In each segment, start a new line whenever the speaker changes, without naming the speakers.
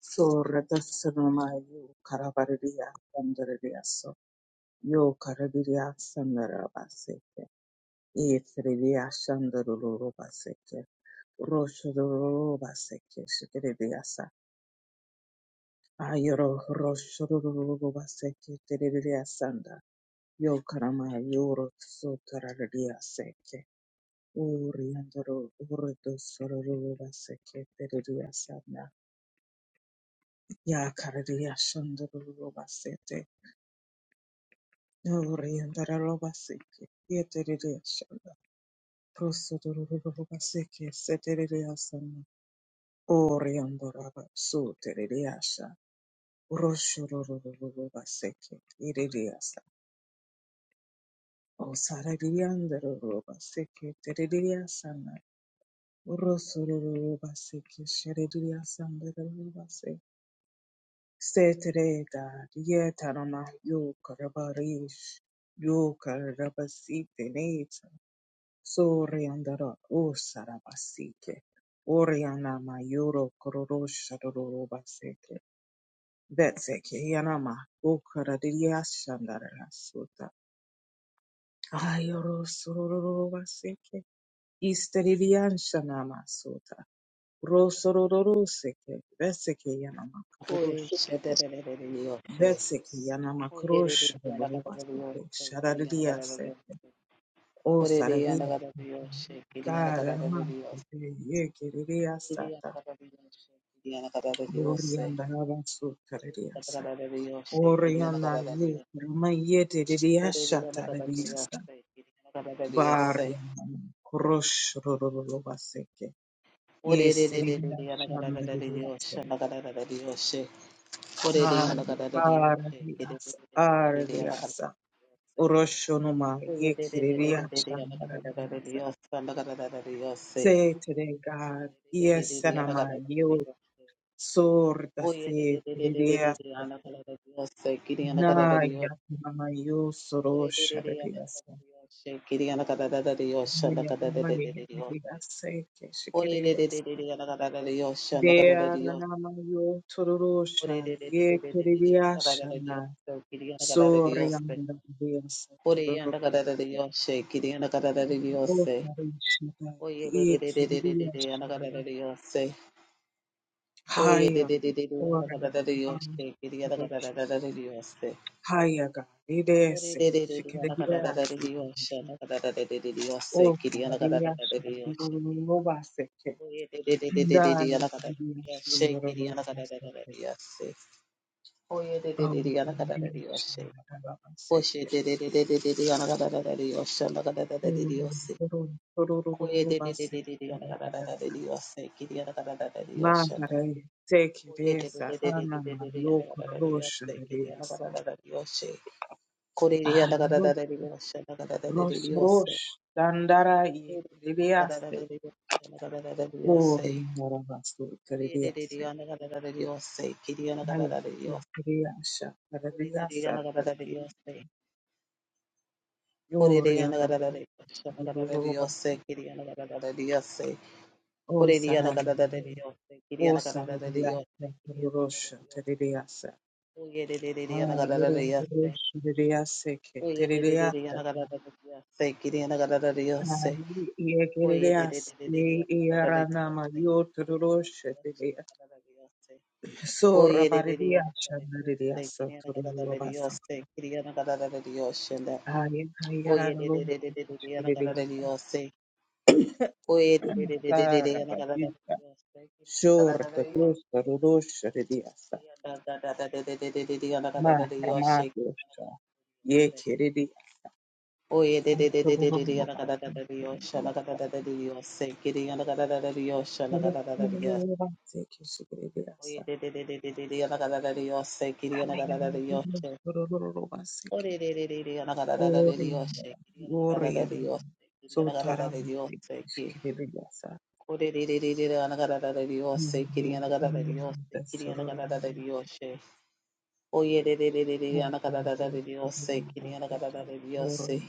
So Radhasanama Yo Karavariya Sandariya So Yo Karaviriya Sandara Baseke Yetriya Sandarulu Baseke Roshaduru Baseke Shikiriya Sa Ayoro Roshaduru Baseke Tiririya Sanda Yo Karama Yoro Sotarariya Seke Uriandoro Urdu Soruru Baseke Tiririya Sanda Ya Karaviriya Sandarulu Orientarobaseke, Yeteridiashana, Prosodorobaseke, Seteridiasana, Orientaraba, Soteridiasha, Roshorobaseke, Iridiasa, Osaradiandarobaseke, Teridiasana, Rosorobaseke, Sheridiasandarobase, Setereda, Yetarama, Yokarabarish, Yokarabasite, So Riandara O Sarabasike Oriana Mayuro Kororo Sharoro Baseke Betseke Yanama O Karadiria Shandara Sota Ayoro Sororo Baseke Isteridian Shanama Sota Rosororo Seke Betseke Yanama Kororo
Kore shadadadadadadiyoshe.
Betseke Yanama Krosh Baseke
Oyerereriyanagadadadiyoshe,
Sharadiria Sete
kiriyanagadadadiyoshe.
O Saradia
Korereyanagadadadiyoshe,
Karama
kiriyanagadadadiyoshe.
Yekiriria
Orereyanagadadadiyoshe, kiriyanagadadadiyoshe.
Orianda Rabasu Tarediasa.
Orereyanagadadadiyoshe,
Oriana
kiriyanagadadadiyoshe.
Yukrama Yeti Didiasha Tarediasa.
Orereyanagadadadiyoshe, kiriyanagadadadiyoshe.
Bariana Kurosh Rurubaseke. Yes, Ridiasha Didiasa.
Orererereriyanagadadadiyoshe, nagadadadadiyoshe.
Hari
Orereyanagadadadiyoshe,
Aradiasa Aradiasa.
kiriyanagadadadiyoshe.
Uroshonuma
Dios,
Yekiridiasha Didiasa. Say today, God, yes, Anama, you sorda se Na Naya Namayo Soro Sharadias Naya Namayo Seke Shikirias Dea Namayo Tororosha Ye kerias na sori Sorianda Dias
Ore yanda
Tororo
kadada de yoshe, kiri yanda kadada de
O
yose.
Sarishita
Oye de de
Ye
de de de de de de anagara de
Kiriashana
diose. Oye de
Haya
de de de de anagara
Orada
de
Arus
diose. Kiri anagara
dosh.
de de diose.
Haya Ga
Ore
Idese
de de de de anagara
Shikirias
de de diose. Anagara de de de diose.
O
Kiri anagara de de
Saradiashana
diose.
Robaseke
Oye de de de de de de de
Dale,
anagara de
bendición,
diose. Kiri anagara
dolorosa,
de de diose. Oye de de
Oh,
de de anagara de diose.
bendición, alabanza,
Koshe de de de de de de de anagara de diose. Anagara de de
gloria,
diose.
gloria,
Oye de de de
dolorosa,
de de de anagara de
alabanza.
diose. Kiri anagara de diose.
Madre, te
Oh, yeah, they did
queresa, Ana Mario, Rosha, Deliasa. Ay, Ros, Rosh, Dandara, y Deliaste. Gloria, alabanza, Deliaste. Ay, Deliasa, Deliasa, Gloria, andando, O Salam. O sarariyasa kururosha teririyasa. Ha
it.
yororosha teririyasa ke
Oye de de de de
teririyasa.
yana kadar da diyor. Sevgi de yana kadar da diyor.
Ha
Sev.
ye
Oye de de
teririyasa
de de de
ye
de yana kadar da diyor.
iyaranama
Sevgi de yana kadar da
yotururosha
diyor. Sev Yana
teririyasa.
kadar da diyor. Sev.
So
Oye de de de yana
rabariyasa
kadar da diyor. Sevgi de
teririyasa
yana kadar da diyor.
tururobasa.
Sevgi de yana kadar da diyor. Şimdi.
Ha ye
Oye de
iyaranama
de de de de de de yana kadar
teririyasa
da diyor. Sev. Oye de de de de de de de yana kadar da
rabariyasa.
diyor. Sevgi de yana kadar da
Shorta
diyor.
dosta rurosha teririyasa.
Yana kadar da da da da da da da yana kadar da diyor. Sevgi de yana
Ma
kadar da diyor. Sev.
ramadosha ye teririyasa.
Oye, de de de de de de de yana kada da da de yosha na kada da da de yose kiri yana kada da da de yosha na kada da da de yas.
Ororororo
Oye, de de de de de de de yana kada da da de yose kiri yana kada da da de yoshe. Ore de de de de yana kada da da de de yoshe kiri yana kada da da de yose kiri
so
yana kada da da de yose ki. Ore de de de de de yana kada da da de yose kiri yana kada da de yose kiri yana
sororo
kada da da de yoshe. Oye, de de de de de yana kada da da de yose kiri yana kada da da de yose.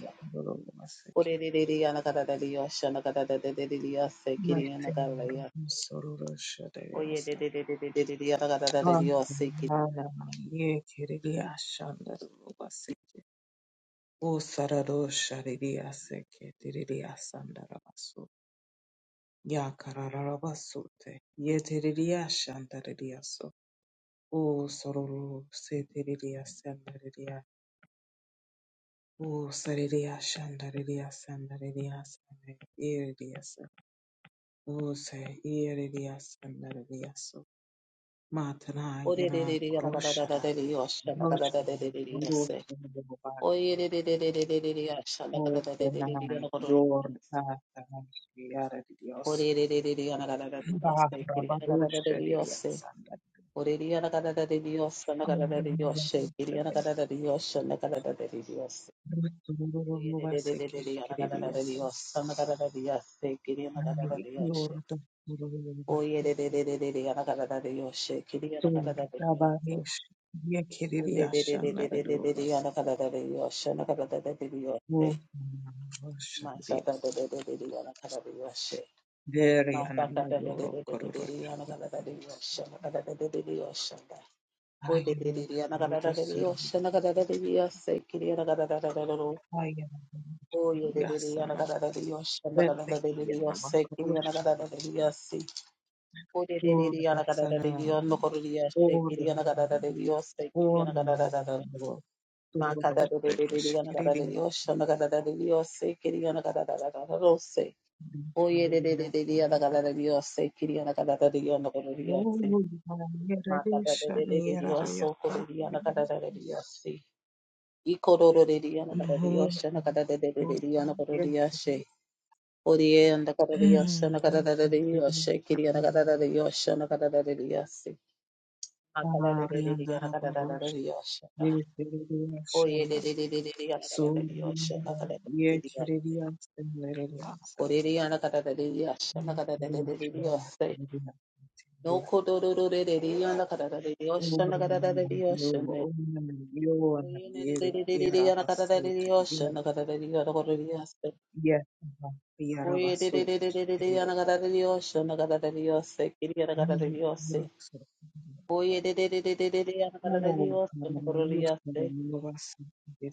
Ore de de de ana kada de de yasha ana kada de de de de yasha kiri ana kada de yasha. Oye de de de de de de de de ana kada de de yasha kiri.
O sarado shariria seke tiriria sandarabaso. Ya karararabasute. Ye tiriria shandarariaso. O sororo se tiriria sandararia. O sariria shandararia sandararia sande. Iriria se. O se iriria sandarariaso. Matana
ore de
yana
de de ana kada de
kroshara.
de de yasha ana kada de
Roshara.
de de de yasha.
Roshara.
Oye de de de de de de de de yasha ana
O
kada de de de de de
senai.
ana kada de
Yor.
yasha.
Tata. Yara de Dios.
ore de de de de ana kada de
Bahabadoshadiriasanda.
de yasha kiri ana
Ambramabarabara.
kada de de de yasha. ore Dios, Oye de de de de de de ya na ka da da de
Ruturururuvasekeshikiriasa.
yo, sa na ka da da de ya se kiri ya na ka da
Nani
da de yo she. Oye de de
yorutakururuvaseke.
de de de de ya na ka da da de yo she, kiri ya na ka da da de yo.
Turudabaresh.
O de de de de
Yekiririashana
de de de de ya
ruruvasa.
na ka da da de yo she, na ka da da de de yo se. Ma sha da da
Wohamavarashadiriasa.
da de de ya na ka da de yo she, ma fa da
Deriana
da de de de de de de ya na ka da da de yo
yorokororoshabarabasa.
she, na ka da da de de yo she. O de de
Ayuro
de ya na ka da da de yo
rutusururu.
she, na ka da da de ya se kiri ya na ka da da de yo.
Ayana
Oh, yeah, de- de- de- yana
yasana.
gada da de yosh, yana gada da de de de
Vetekiyana
yosh, se kiri yana gada da de
makaroshadiriyasa.
de yosh, se. Oh, de- de- de- de
Lord,
yana
thy
gada da de de
son.
yon, no koro de yosh, se kiri
Ore
yana gada da de de yosh, se kiri yana
ore
gada da da da. Ma kada de
dodote
de de de de yana gada da de
kishikiriria
yosh, yana gada da de de yosh, se kiri yana gada da da da da do, se. Oh, yeah, de- de-
kiriria
de- de- de yana gada
sandaraba.
da de yosh, se kiri yana gada da de yon, no koro de yosh, se.
Ore
Ma kada de
yererisha
de de de de yosh,
yereria
so koro de yana gada
sandaraba.
da de de yosh, se. I koro de de de yana gada de
Ore
yosh, yana gada da de de de de yana koro de yosh, se. Oriye and the Kadadios and the Kadadios,
yereria
Shakiri and the Kadadios and the Kadadios. Akadadi and the
ariandaraba rosh
Kadadios,
yereria
Oye,
shala.
de de de de de de, Dios, la
Soriandara
cara de Dios,
yereria sandaraba.
Correría la cara de Dios, la cara de
Yereria
Dios,
shala.
no
keria.
cororo de Dios, la cara de Dios, la cara de Dios, Oye, de de de de de de, la cara de Dios, la cara de Dios, correría, Oye, de de de de de de, la cara de Dios, la cara de Dios, quería la cara de Dios, Oye, de de de de de de de, ana cara de Dios, ana cara de Dios, eh.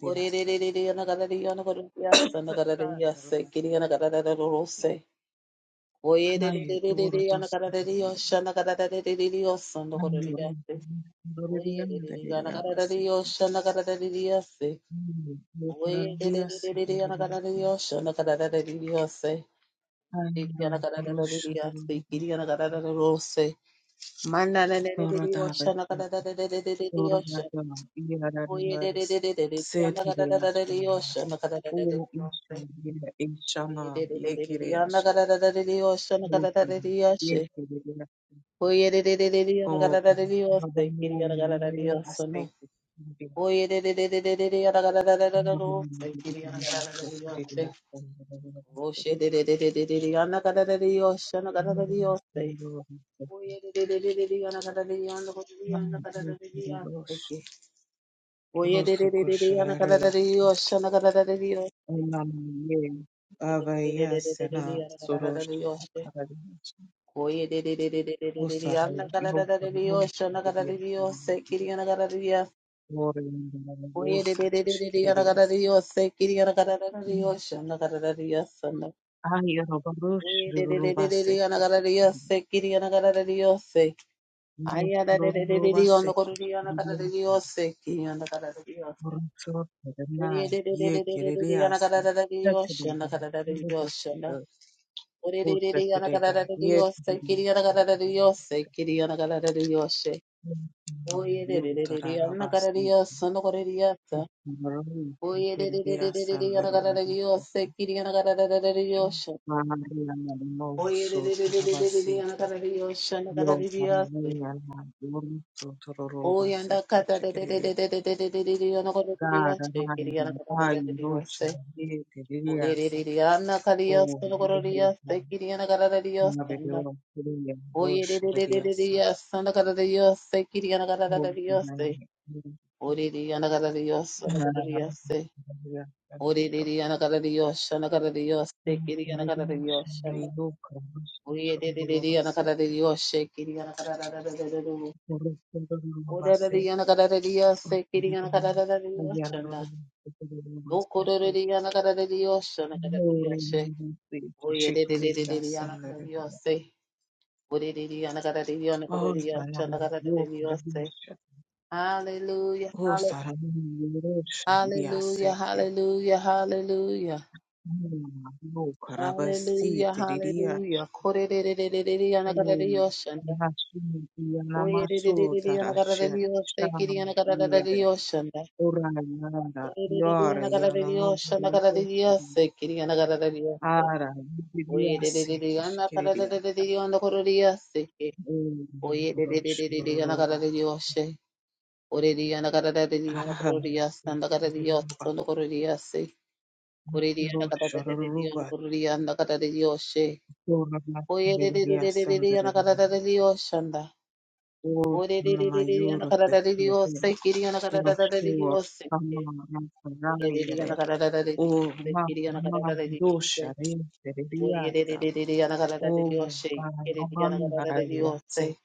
Ore de de de de, ana cara de Dios, ana cara de Dios, ana cara de Dios, eh. Kiri ana cara de Dios, eh. Oye, de de de de de de, ana cara de Dios, ana cara de de de de Dios, ana cara de Dios, eh. Oye, de de de, ana cara de Dios, ana cara de de Dios, eh. Oye, de de de de de de, ana cara de Dios, ana cara de de de Dios, eh. De de, ana cara de de de Dios, eh. Kiri ana cara de Dios, eh. Mana de de de de de Dios, ana cara de de de de de
Yoruba
Dios, Oye, Oye, de de
yararayız.
de de de, ana
Seyirci
kada de de yo,
yaşamda.
ana
O işler yine eşama yekere O yekere yaşa. O babamın yere aspekti. Rosso koşaraya
kada de de yo.
ondan ye
Oye,
avaya sena soruş Usaha yeupe unaoshangilia sana Glory in the name Yesu kishikilia sana. Haya mabarushi lulubase kishikilia. Lulubase kishikilia. Urusote na yekererea sana. Tekdega. Tekdega.
Oh,
Utekdega. Yekererea sana. Yutararabas. Maroon. Tekdega sana. Mariana Moso Tarabasi Yo Mariana Moso Tororobase Chekeria Gara Mari Ayu Rocha Ye O Yerima Mario Kuria
Oye de
Rocha
de de de de
Riasa
Dios, anda cara de Dios, se quiere anda cara
O
de Dios, se.
Mariana
Ore de anda cara de Dios, anda cara de Dios, se.
Maria
Ore de de anda cara de Dios, anda cara de Dios, se quiere anda cara
Maria
de Dios, anda.
Shanayo Kramas
Oye de de de de anda cara de Dios, se quiere anda cara de de de de de. Ore de de anda cara de Dios, se quiere anda cara de de Dios, anda. No coro de de anda cara de Dios, anda cara de Dios, se. Oye de de de de de anda cara de Dios, se. Ore de de anda cara de Dios, anda cara de Dios, anda cara de Dios, se. Hallelujah, halle- hallelujah, hallelujah, hallelujah, hallelujah, hallelujah. Korerererererere, yanakaradariyoshanda. Oyerererererere, yanakaradariyoshanda, yanakaradariyoshanda. Oyererererere, yanakaradariyoshanda, karadariyoshanda, yanakaradariyoshanda. Oyererererere, yanakaradariyoshanda, yanakaradariyoshanda.
Oh,
Oyererererere, yanakaradariyoshanda. Orere yanakaradariyoshanda, yanakaradariyoshanda, yanakaradariyoshanda. Corridiana catata de Dios, corridiana catata de Dios. sí. Oye, de de de de de Diana catata de Dios, anda. Oye, de de de de Diana catata de Dios, Kiriana catata de Dios. sí. Oye, de Diana catata de Dios, Kiriana catata de Dios. sí. Oye, de de de de Diana catata de Dios, Kiriana catata de Dios. sí.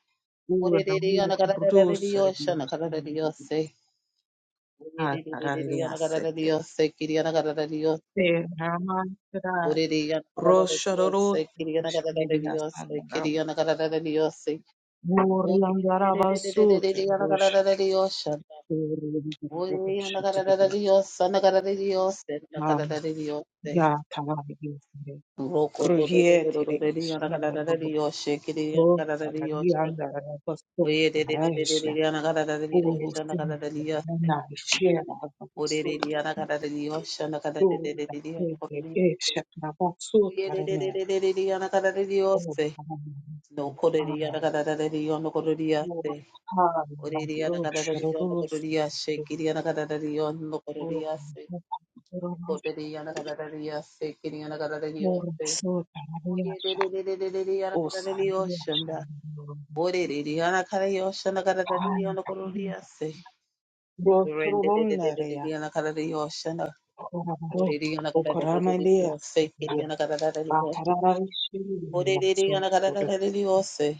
Oye, de Diana catata de Dios, anda catata de Dios. sí. Oye, de de de Diana catata de Dios, Kiriana catata de Dios. sí. Oreliyana karara Dios,
Rosharoro
Kiriyana karara
Shikiriya
Dios,
Sandara
Kiriyana karara Dios,
Moriandarabasu
Oreliyana
Terusha
karara Dios, Oreliyana karara
Shikiriya
Dios, Ana karara Dios, Ana karara Dios,
Ya Tavai
Roko do do do do do
Ruhietiri
Oreliyana karara
Shandaro
Dios, Kiriyana karara Dios,
Rosharandarabasu Raisha
Oreliyana karara Dios, Ana
Urusin
karara Dios,
Naishira Basuta
Oreliyana karara Dios, Ana karara
Turda
Dios,
Esha Rabasu Taranea
Oreliyana karara
O
Dios,
Taranea
No
Ah,
koreria na kada kadada rion no koreria
Lord,
se. Oreria na
Hallelujah,
kada kadada rion no koreria se.
Rosharoro
Kiria na kada kadada rion no koreria se. Koreria na kada kadada rion se. Kiria na kada kadada rion se. Oye de de de de de de rion na kadada rion shanda.
Dosurundaria,
Ore de rion na kadada rion shanda kadada rion no koreria se. Rende de de de de de ria na kadada rion shanda.
Orabaro,
Ore rion na kadada de de de
Okoramadea,
rion se. Kiria na kada rion. Ore
Batarashia,
de rion na
Soto,
kadada rion se.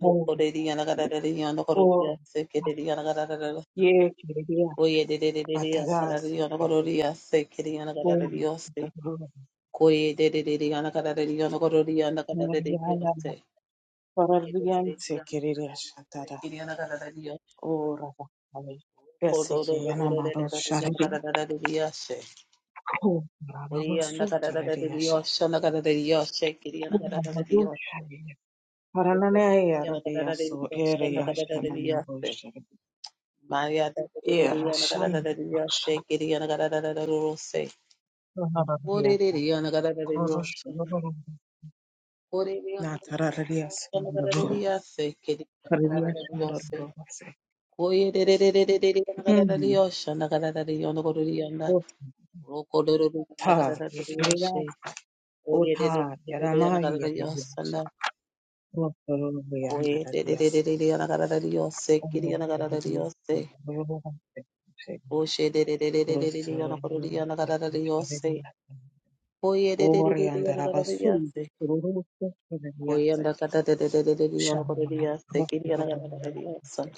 No
Or,
Corelliana Garadiana Corolia,
Or,
Secretariana Garada,
Yekiria,
Oye de Dediana
Batadas,
Garadiana Corolia, Secretariana
Or,
Garadiosi, Coye de Dediana Garadiana Coroliana
Mariana,
Garadiosi, Oye de
Oralianse,
Dediana
Kiria Shatara,
Secretariana Garadios,
Orabari, Yasiki,
Codoriana
Yanamaro,
Garadiosi, Oye and the
Kurarabasuturereyasha.
Garadios, and the Garadios, Secretariana Garadiosi,
Kurabadushareye.
Oye de Dediana
Parananeyarareyasho.
Garadios, and the Garadios.
Ereyashananabushere.
Maya da da da da yana da da da da
Erashananabusha.
shake it yana da da da da da ro say. Ore de
Kurarareyasa.
de yana da da da da yo shan.
Kurushururu.
Ore de yana
Natarareyasa.
da da da da yo shan da da da
Kururu.
da ya shake it yana da da da yo
Karareyashururubase.
yana da da da da
Mm.
yo shan da da da da yana da da yana.
Ota.
Ro ko do do yana
Ta.
da da da da
Yekereya.
say. Oye de
Ota.
de de de yana da
Yaramahi.
da da yo shan
Yereyasha.
da.
Kurushururubase.
Oye de de de
Yandarareyasa.
yana da da da say. Kiri
Oh,
yana da da da da yo
kurareyasa.
say.
Kururubase.
Oshe de de de de
Oh
de
God, Sorry,
yana da da da yana da da da say. Koye de de de de de yana kada de yase. Koye anda kada de de de de de de yana kada de yase. Kiri yana kada de de yase.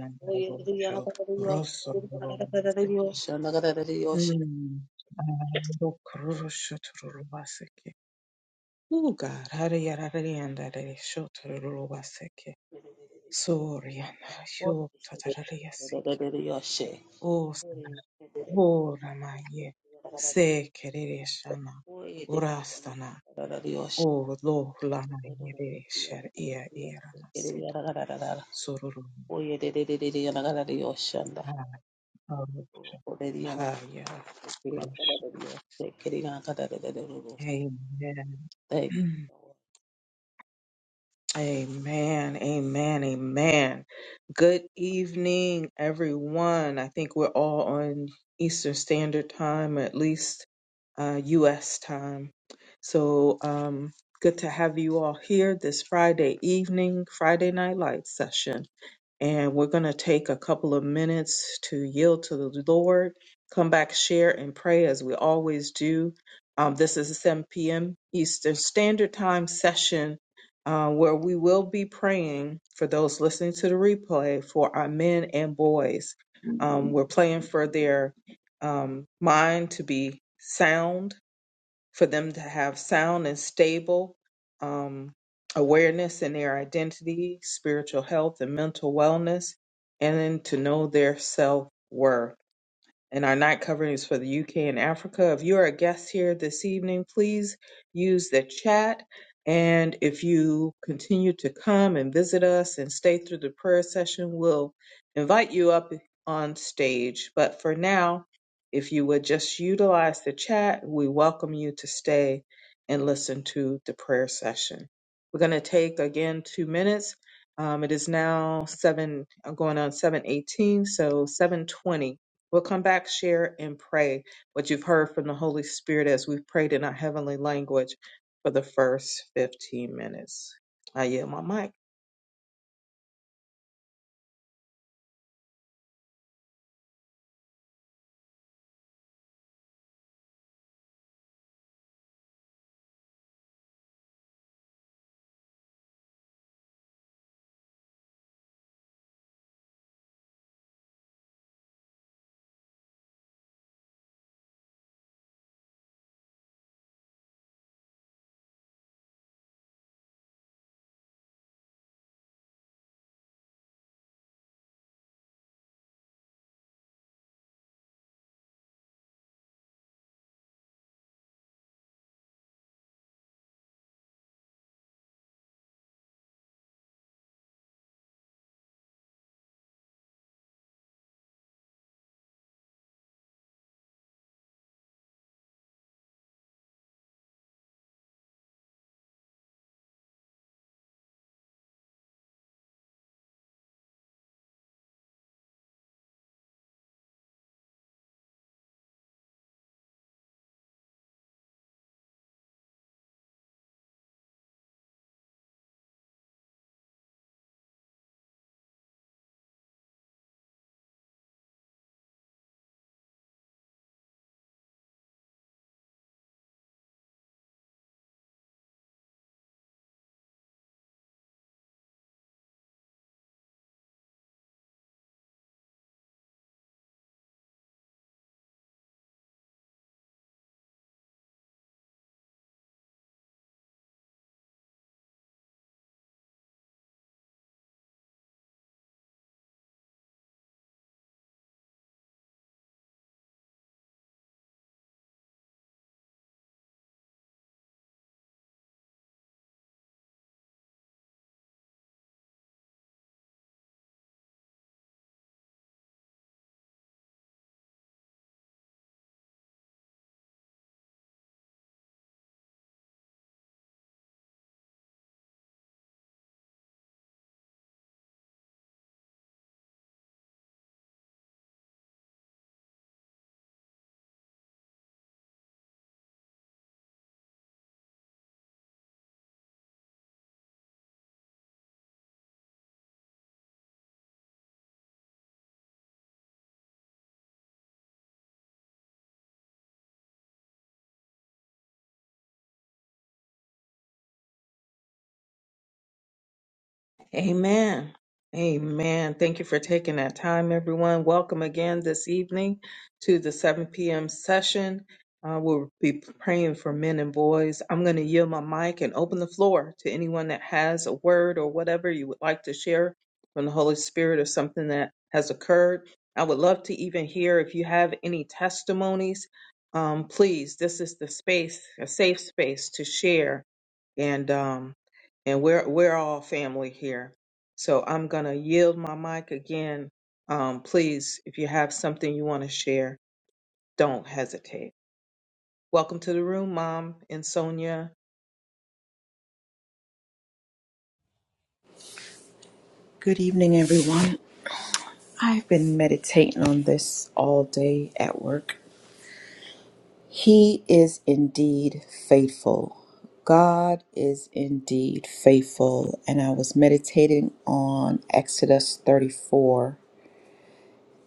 Anna,
Koye de de yana kada de yase. Kiri yana kada de de yase. Anda kada de de yase. Koye
you're totally
de
sick.
de de de yase.
O
Koye
Voramaye Se Kereshana
de de
Urasana
de de yase.
O Lohlamaye Sher Ia
Kiri
Iramasit
yana kada de de.
Sururu
Koye de de de de de yana kada de yase. Anda.
Arusha
Koye de yana.
Haya
Kiri yana kada de
rush.
yase. Kiri yana kada de de de de.
Amen.
Thank you, Lord.
Amen, amen, amen. Good evening, everyone. I think we're all on Eastern Standard Time, or at least uh, U.S. time. So um, good to have you all here this Friday evening, Friday Night Light session. And we're going to take a couple of minutes to yield to the Lord, come back, share, and pray as we always do. Um, this is a 7 p.m. Eastern Standard Time session uh, where we will be praying for those listening to the replay for our men and boys. Um, we're praying for their um, mind to be sound for them to have sound and stable um, awareness in their identity, spiritual health, and mental wellness, and then to know their self worth and our night covering is for the UK and Africa. If you are a guest here this evening, please use the chat. And if you continue to come and visit us and stay through the prayer session, we'll invite you up on stage. But for now, if you would just utilize the chat, we welcome you to stay and listen to the prayer session. We're going to take again two minutes. Um, it is now seven, i I'm going on seven eighteen, so seven twenty We'll come back, share, and pray what you've heard from the Holy Spirit as we've prayed in our heavenly language for the first 15 minutes. I yield my mic. Amen. Amen. Thank you for taking that time, everyone. Welcome again this evening to the 7 p.m. session. Uh, we'll be praying for men and boys. I'm going to yield my mic and open the floor to anyone that has a word or whatever you would like to share from the Holy Spirit or something that has occurred. I would love to even hear if you have any testimonies. Um, please, this is the space, a safe space to share. And um, and we're we're all family here. So I'm gonna yield my mic again. Um, please, if you have something you want to share, don't hesitate. Welcome to the room, Mom and Sonia.
Good evening, everyone. I've been meditating on this all day at work. He is indeed faithful. God is indeed faithful. And I was meditating on Exodus 34,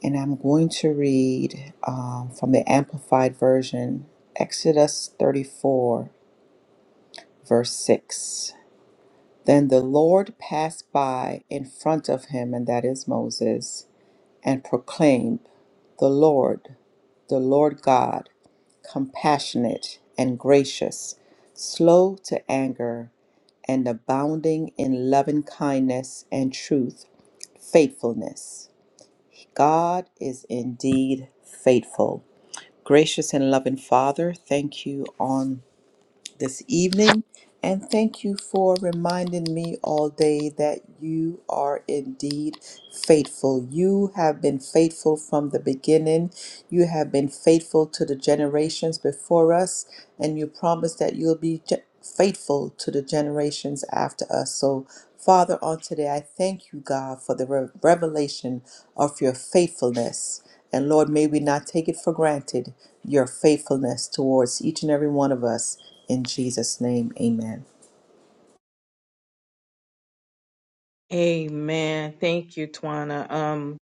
and I'm going to read um, from the Amplified Version Exodus 34, verse 6. Then the Lord passed by in front of him, and that is Moses and proclaim the Lord, the Lord God, compassionate and gracious, slow to anger, and abounding in loving kindness and truth, faithfulness. God is indeed faithful. Gracious and loving Father, thank you on this evening. And thank you for reminding me all day that you are indeed faithful. You have been faithful from the beginning you have been faithful to the generations before us, and you promise that you'll be ge- faithful to the generations after us. So, Father, on today, I thank you, God, for the re- revelation of your faithfulness. And Lord, may we not take it for granted, your faithfulness towards each and every one of us. In Jesus' name, amen.
Amen. Thank you, Twana. Um,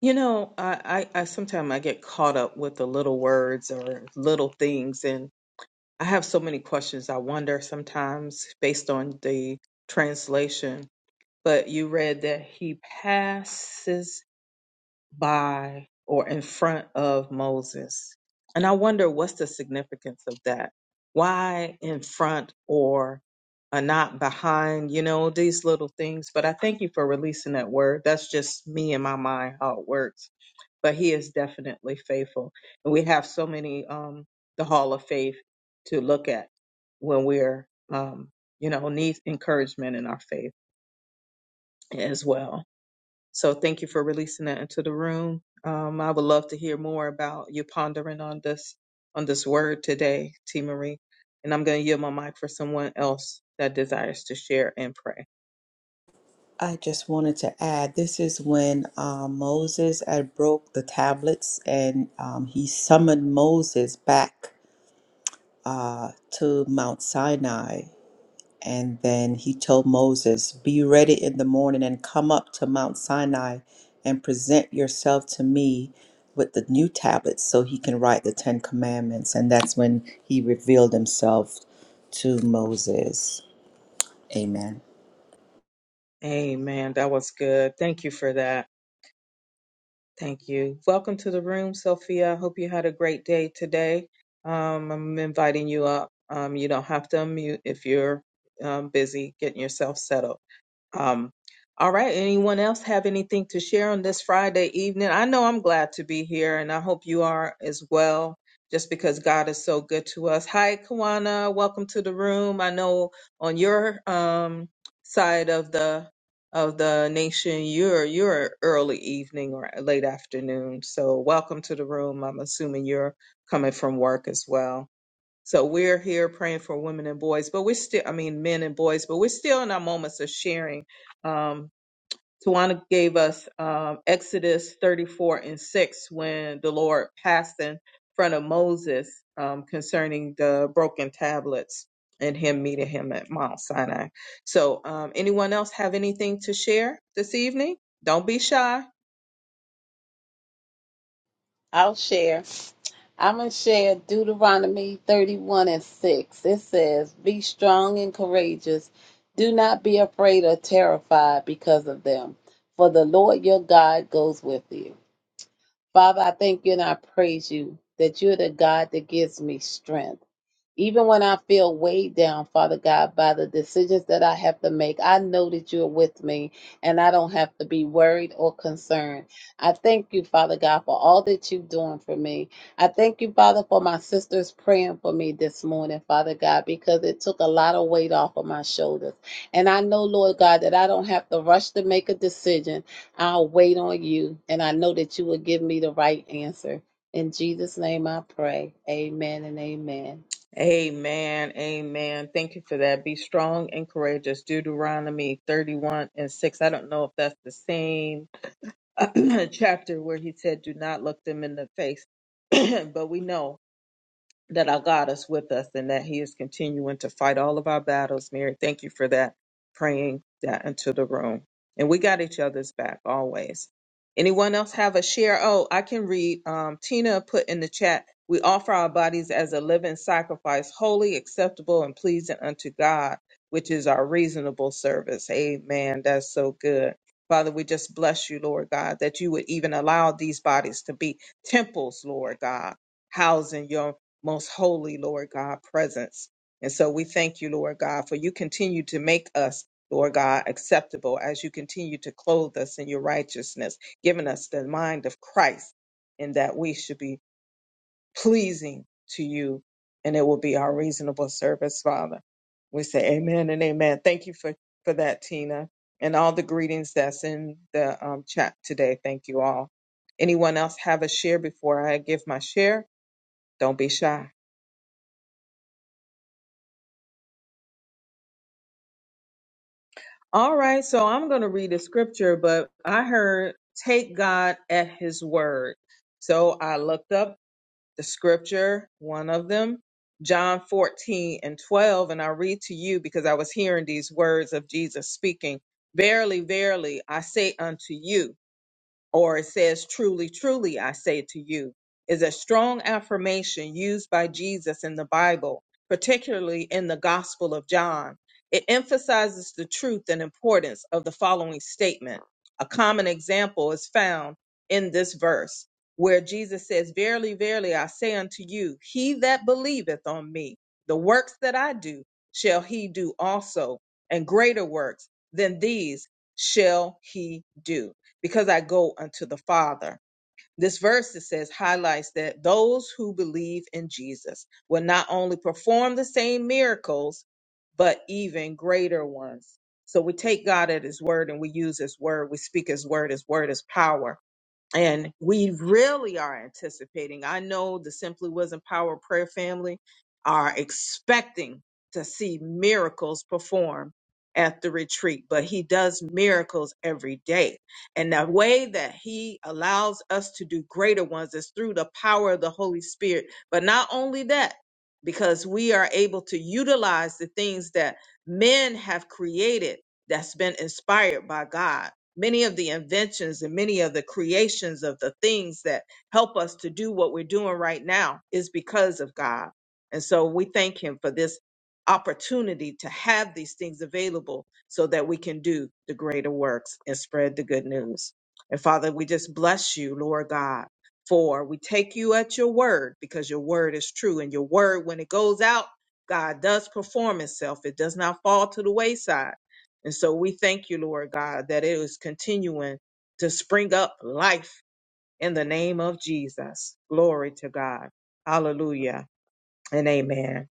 you know, I I, I sometimes I get caught up with the little words or little things, and I have so many questions. I wonder sometimes based on the translation. But you read that he passes. by or in front of Moses. And I wonder what's the significance of that? Why in front or uh, not behind, you know, these little things. But I thank you for releasing that word. That's just me in my mind how it works. But he is definitely faithful. And we have so many, um, the hall of faith to look at when we're, um, you know, need encouragement in our faith as well. So thank you for releasing that into the room. Um, I would love to hear more about you pondering on this on this word today, T. Marie. And I'm going to yield my mic for someone else that desires to share and pray.
I just wanted to add this is when uh, Moses had broke the tablets and um, he summoned Moses back uh, to Mount Sinai. And then he told Moses, Be ready in the morning and come up to Mount Sinai and present yourself to me with the new tablets so he can write the Ten Commandments. And that's when he revealed himself to Moses. Amen.
Amen. That was good. Thank you for that. Thank you. Welcome to the room, Sophia. I hope you had a great day today. Um, I'm inviting you up. Um, you don't have to unmute if you're um, busy getting yourself settled. Um, all right. Anyone else have anything to share on this Friday evening? I know I'm glad to be here, and I hope you are as well, just because God is so good to us. Hi, Kawana. Welcome to the room. I know on your um, side of the of the nation, you're you're early evening or late afternoon. So welcome to the room. I'm assuming you're coming from work as well. So we're here praying for women and boys, but we're still, I mean, men and boys, but we're still in our moments of sharing. Um, Tawana gave us um, Exodus 34 and 6 when the Lord passed in front of Moses um, concerning the broken tablets and him meeting him at Mount Sinai. So, um, anyone else have anything to share this evening? Don't be shy
I'll share. I'm going to share Deuteronomy 31 and 6. It says, Be strong and courageous. Do not be afraid or terrified because of them, for the Lord your God goes with you. Father, I thank you and I praise you that you're the God that gives me strength. Even when I feel weighed down, Father God, by the decisions that I have to make, I know that you're with me and I don't have to be worried or concerned. I thank you, Father God, for all that you're doing for me. I thank you, Father, for my sisters praying for me this morning, Father God, because it took a lot of weight off of my shoulders. And I know, Lord God, that I don't have to rush to make a decision. I'll wait on you and I know that you will give me the right answer. In Jesus' name I pray. Amen and amen.
Amen. Amen. Thank you for that. Be strong and courageous. Deuteronomy 31 and 6. I don't know if that's the same chapter where he said, Do not look them in the face. but we know that our God is with us and that He is continuing to fight all of our battles. Mary, thank you for that, praying that into the room. And we got each other's back always. Anyone else have a share? Oh, I can read. Um, Tina put in the chat, we offer our bodies as a living sacrifice, holy, acceptable, and pleasing unto God, which is our reasonable service. Amen. That's so good. Father, we just bless you, Lord God, that you would even allow these bodies to be temples, Lord God housing your most holy, Lord God, presence. And so we thank you, Lord God, for you continue to make us, Lord God, acceptable as you continue to clothe us in your righteousness, giving us the mind of Christ, and that we should be pleasing to you, and it will be our reasonable service, Father. We say amen and amen. Thank you for, for that, Tina, and all the greetings that's in the um, chat today. Thank you all. Anyone else have a share before I give my share? Don't be shy. All right, so I'm going to read a scripture, but I heard take God at his word. So I looked up the scripture, one of them, John 14 and 12, and I read to you because I was hearing these words of Jesus speaking. Verily, verily, I say unto you, or it says, Truly, truly, I say to you, is a strong affirmation used by Jesus in the Bible, particularly in the Gospel of John. It emphasizes the truth and importance of the following statement. A common example is found in this verse, where Jesus says, Verily, verily, I say unto you, he that believeth on me, the works that I do, shall he do also, and greater works than these shall he do because I go unto the Father. This verse it says highlights that those who believe in Jesus will not only perform the same miracles, but even greater ones. So we take God at his word and we use his word. We speak his word. His word is power and we really are anticipating. I know the Simply Wisdom Power Prayer family are expecting to see miracles performed at the retreat, but he does miracles every day. And the way that he allows us to do greater ones is through the power of the Holy Spirit. But not only that, because we are able to utilize the things that men have created that's been inspired by God many of the inventions and many of the creations of the things that help us to do what we're doing right now is because of God. And so we thank Him for this opportunity to have these things available so that we can do the greater works and spread the good news. And Father, we just bless you, Lord God, for we take you at your word because your word is true and your word, when it goes out, God does perform itself. It does not fall to the wayside. And so we thank you, Lord God, that it is continuing to spring up life in the name of Jesus. Glory to God. Hallelujah and amen.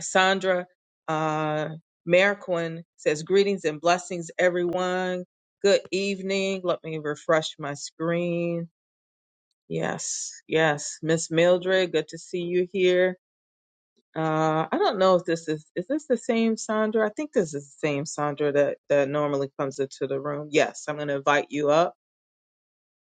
Sandra uh, Merquin says, Greetings and blessings, everyone. Good evening. Let me refresh my screen. Yes, yes. Miss Mildred, good to see you here. Uh, I don't know if this is is this the same Sandra? I think this is the same Sandra that that normally comes into the room. Yes, I'm going to invite you up.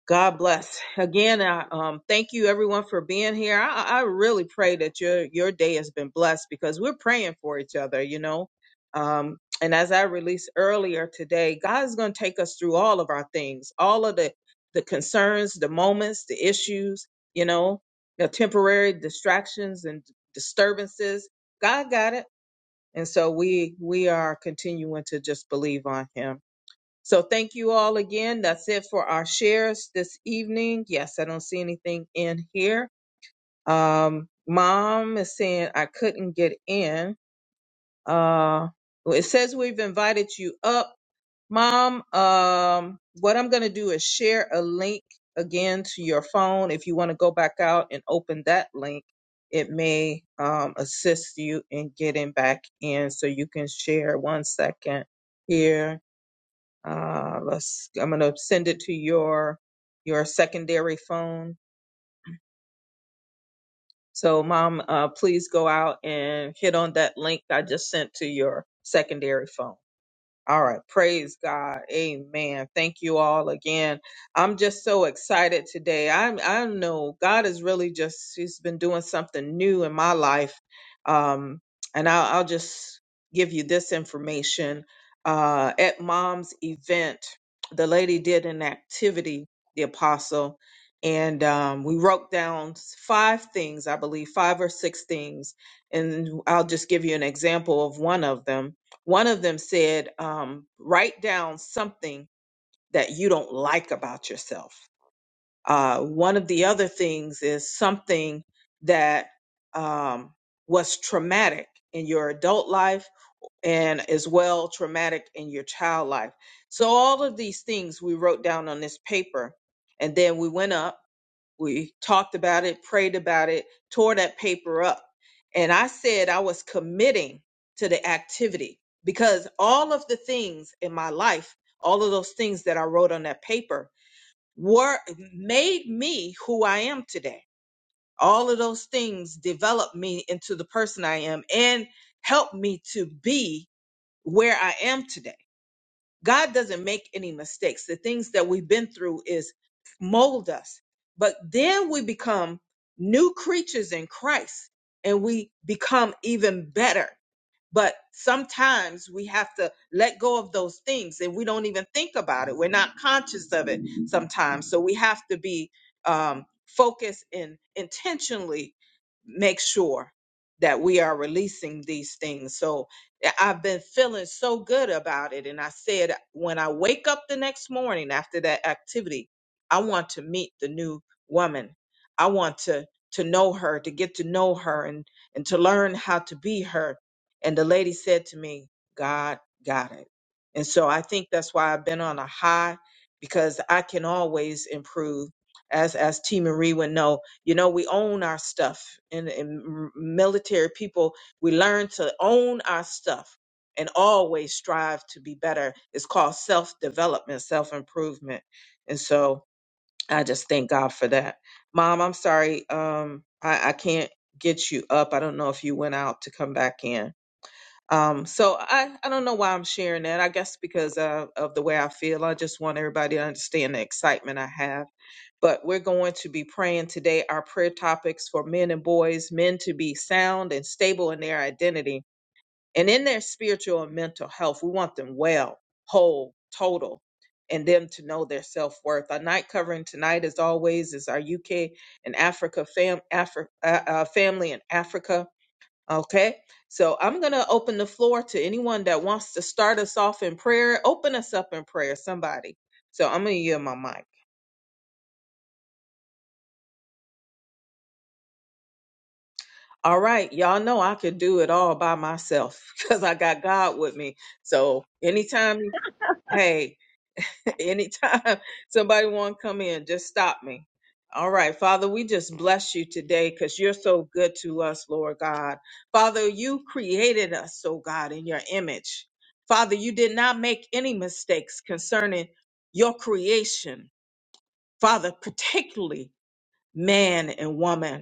God bless. Again, I um, thank you everyone for being here. I, I really pray that your your day has been blessed because we're praying for each other, you know. Um, and as I released earlier today, God is going to take us through all of our things, all of the the concerns, the moments, the issues, you know, the temporary distractions and disturbances. God got it, and so we we are continuing to just believe on Him. So thank you all again. That's it for our shares this evening. Yes, I don't see anything in here. Um, mom is saying I couldn't get in. Uh, well, it says we've invited you up. Mom, um, what I'm going to do is share a link again to your phone. If you want to go back out and open that link, it may um, assist you in getting back in. So you can share one second here. Uh, let's. I'm gonna send it to your your secondary phone. So, mom, uh, please go out and hit on that link I just sent to your secondary phone. All right. Praise God. Amen. Thank you all again. I'm just so excited today. I I know God is really just He's been doing something new in my life. Um, and I'll, I'll just give you this information. Uh, at Mom's event, the lady did an activity, the apostle, and um, we wrote down five things, I believe, five or six things. And I'll just give you an example of one of them one of them said, um, write down something that you don't like about yourself. Uh, one of the other things is something that um, was traumatic in your adult life and as well traumatic in your child life. So, all of these things we wrote down on this paper. And then we went up we talked about it, prayed about it, tore that paper up. And I said I was committing to the activity because all of the things in my life, all of those things that I wrote on that paper were made me who I am today. All of those things developed me into the person I am and helped me to be where I am today. God doesn't make any mistakes. The things that we've been through is mold us. But then we become new creatures in Christ and we become even better. But sometimes we have to let go of those things and we don't even think about it. We're not conscious of it sometimes. So we have to be um, focused and intentionally make sure that we are releasing these things. So I- I've been feeling so good about it. And I said, when I wake up the next morning after that activity, I want to meet the new woman. I want to to know her, to get to know her and and to learn how to be her and the lady said to me, God got it. And so I think that's why I've been on a high because I can always improve. As as T Marie would know, you know, we own our stuff. And in military people, we learn to own our stuff and always strive to be better. It's called self-development, self-improvement. And so I just thank God for that. Mom, I'm sorry. Um, I, I can't get you up. I don't know if you went out to come back in um, so I, I don't know why I'm sharing that. I guess because uh, of the way I feel. I just want everybody to understand the excitement I have. But we're going to be praying today our prayer topics for men and boys, men to be sound and stable in their identity and in their spiritual and mental health. We want them well, whole, total, and them to know their self worth. Our night covering tonight, as always, is our UK and Africa fam- Afri- uh, uh, family in Africa. Okay, so I'm going to open the floor to anyone that wants to start us off in prayer. Open us up in prayer, somebody. So I'm going to yield my mic. All right, y'all know I could do it all by myself because I got God with me. So anytime, hey, anytime somebody want to come in just stop me all right father we just bless you today because you're so good to us lord god father you created us oh god in your image father you did not make any mistakes concerning your creation father particularly man and woman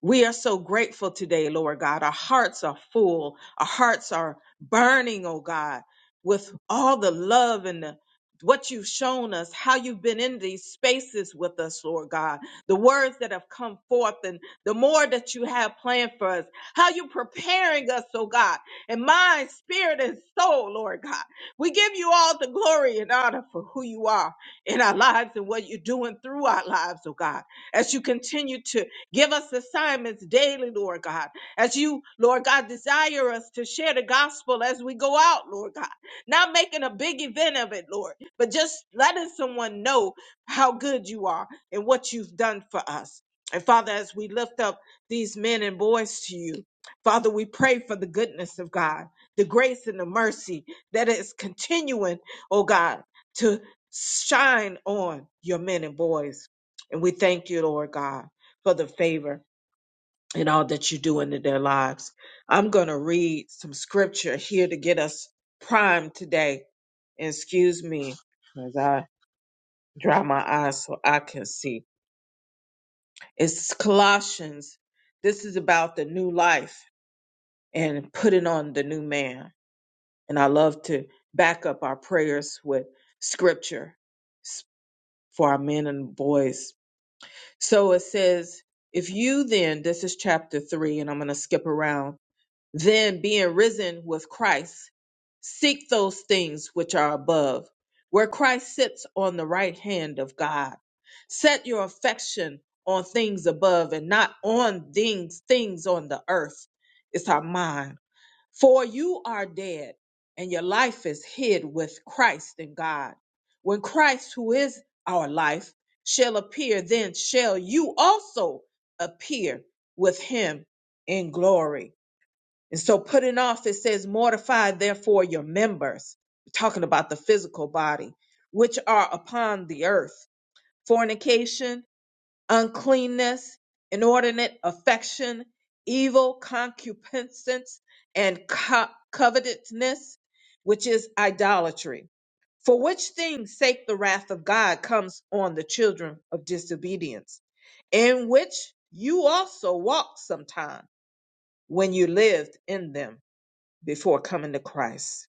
we are so grateful today, Lord God. Our hearts are full. Our hearts are burning, oh God, with all the love and the, what you've shown us, how you've been in these spaces with us, Lord God, the words that have come forth and the more that you have planned for us, how you're preparing us, oh God, in mind, spirit, and soul, Lord God. We give you all the glory and honor for who you are in our lives and what you're doing through our lives, oh God, as you continue to Give us assignments daily, Lord God, as you, Lord God, desire us to share the gospel as we go out, Lord God. Not making a big event of it, Lord, but just letting someone know how good you are and what you've done for us. And Father, as we lift up these men and boys to you, Father, we pray for the goodness of God, the grace and the mercy that is continuing, oh God, to shine on your men and boys. And we thank you, Lord God for the favor and all that you do into their lives. I'm going to read some scripture here to get us primed today. Excuse me as I dry my eyes so I can see. It's Colossians. This is about the new life and putting on the new man. And I love to back up our prayers with scripture s- for our men and boys. So it says, if you then, this is chapter three, and I'm going to skip around Then, being risen with Christ, seek those things which are above, where Christ sits on the right hand of God. Set your affection on things above and not on things, things on the earth. It's our mind. For you are dead, and your life is hid with Christ in God. When Christ, who is our life, shall appear, then shall you also appear with him in glory. And so putting off, it says, mortify therefore your members, talking about the physical body, which are upon the earth fornication, uncleanness, inordinate affection, evil concupiscence, and co- covetousness, which is idolatry. For which things sake the wrath of God comes on the children of disobedience, in which you also walked sometime when you lived in them before coming to Christ.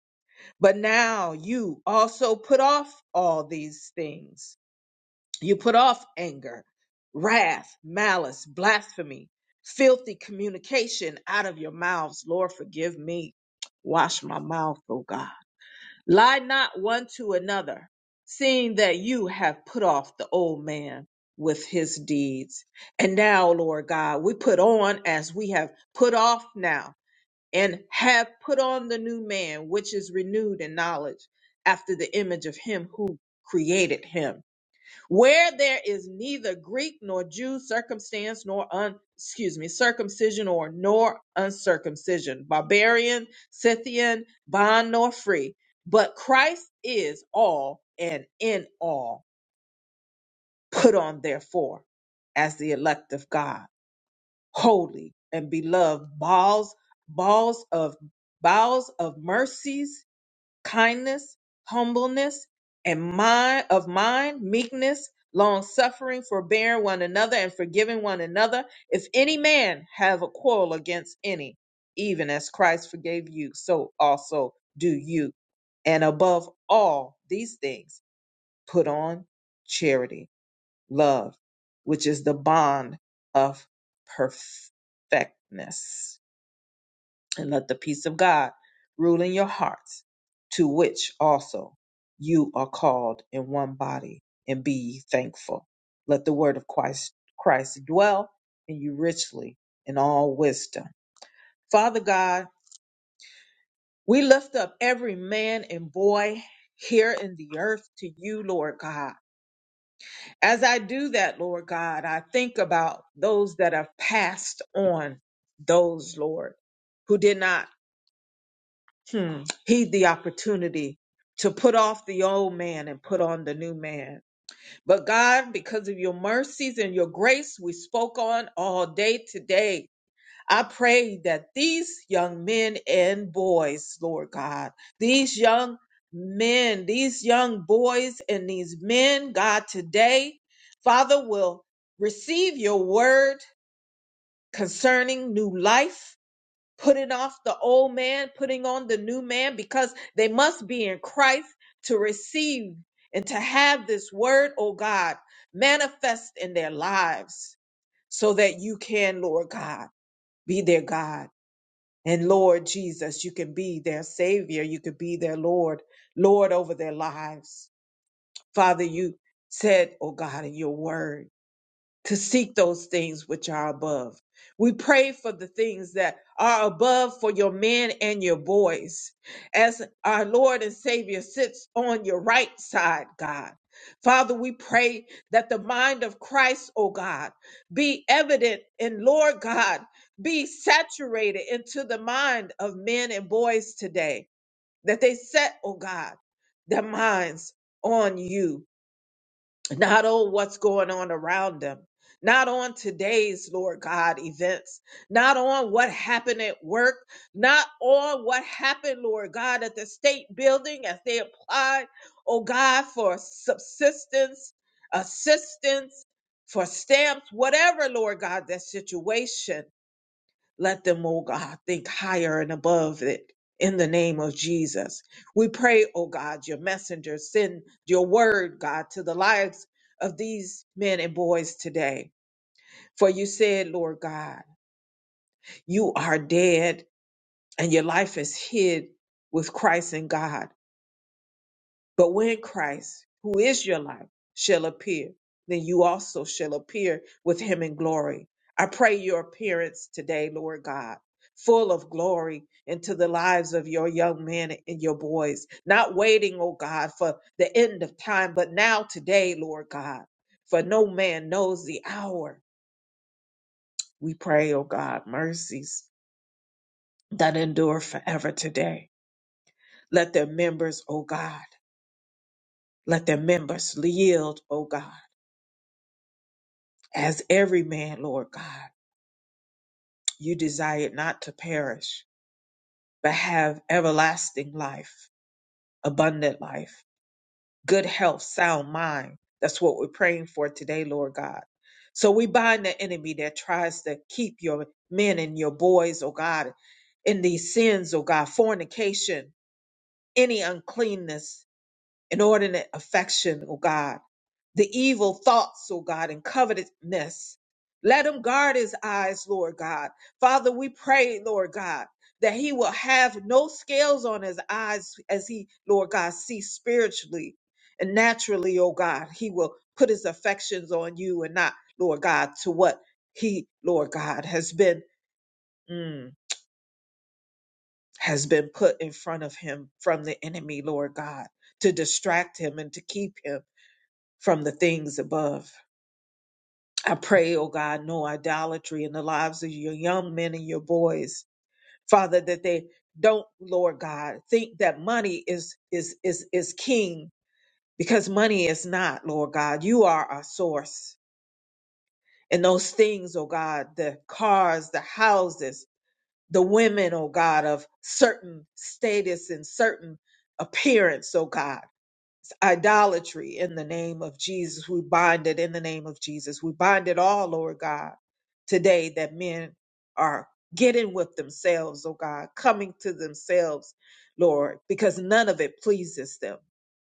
But now you also put off all these things. You put off anger, wrath, malice, blasphemy, filthy communication out of your mouths. Lord, forgive me. Wash my mouth, O God. Lie not one to another, seeing that you have put off the old man with his deeds. And now, Lord God, we put on as we have put off now and have put on the new man, which is renewed in knowledge after the image of him who created him. Where there is neither Greek nor Jew, circumstance nor un, excuse me, circumcision or nor uncircumcision, barbarian, Scythian, bond nor free, but Christ is all and in all. Put on therefore as the elect of God holy and beloved balls balls of bowels of mercies kindness humbleness and mind of mind meekness long suffering forbearing one another and forgiving one another if any man have a quarrel against any even as christ forgave you so also do you and above all these things put on charity love, which is the bond of perfectness. And let the peace of God rule in your hearts, to which also you are called in one body, and be ye thankful. Let the word of Christ, Christ dwell in you richly in all wisdom. Father God, we lift up every man and boy here in the earth to you, Lord God. As I do that, Lord God, I think about those that have passed on, those, Lord, who did not hmm, heed the opportunity to put off the old man and put on the new man. But God, because of your mercies and your grace, we spoke on all day today. I pray that these young men and boys, Lord God, these young men, these young boys and these men, God, today, Father, will receive your word concerning new life, putting off the old man, putting on the new man, because they must be in Christ to receive and to have this word, oh God, manifest in their lives so that you can, Lord God, be their God and Lord Jesus, you can be their Savior. You can be their Lord, Lord over their lives. Father, you said, oh God, in your word to seek those things which are above. We pray for the things that are above for your men and your boys. As our Lord and Savior sits on your right side, God. Father, we pray that the mind of Christ, O God, be evident in Lord God, be saturated into the mind of men and boys today, that they set, O God, their minds on you not on what's going on around them, not on today's, Lord God, events, not on what happened at work, not on what happened, Lord God, at the state building as they applied, oh God, for subsistence, assistance, for stamps, whatever, Lord God, that situation. Let them, oh God, think higher and above it in the name of Jesus. We pray, oh God, your messenger, send your word, God, to the lives of these men and boys today. For you said, Lord God, you are dead and your life is hid with Christ in God. But when Christ, who is your life, shall appear, then you also shall appear with him in glory. I pray your appearance today, Lord God, full of glory into the lives of your young men and your boys, not waiting, oh God, for the end of time, but now today, Lord God, for no man knows the hour. We pray, oh God, mercies that endure forever today. Let their members, oh God, let their members yield, oh God as every man, Lord God, you desired not to perish, but have everlasting life, abundant life, good health, sound mind. That's what we're praying for today, Lord God. So we bind the enemy that tries to keep your men and your boys, oh God, in these sins, oh God, fornication, any uncleanness, inordinate affection, oh God. the evil thoughts, oh God, and covetousness. Let him guard his eyes, Lord God. Father, we pray, Lord God, that he will have no scales on his eyes as he, Lord God, sees spiritually and naturally, oh God. He will put his affections on you and not, Lord God, to what he, Lord God, has been. mm, has been put in front of him from the enemy, Lord God, to distract him and to keep him from the things above. I pray, oh God, no idolatry in the lives of your young men and your boys. Father, that they don't, Lord God, think that money is is is is king because money is not, Lord God. You are our source. And those things, oh God, the cars, the houses, the women, oh God, of certain status and certain appearance, oh God idolatry in the name of Jesus. We bind it in the name of Jesus. We bind it all, Lord God, today that men are getting with themselves, oh God, coming to themselves, Lord, because none of it pleases them.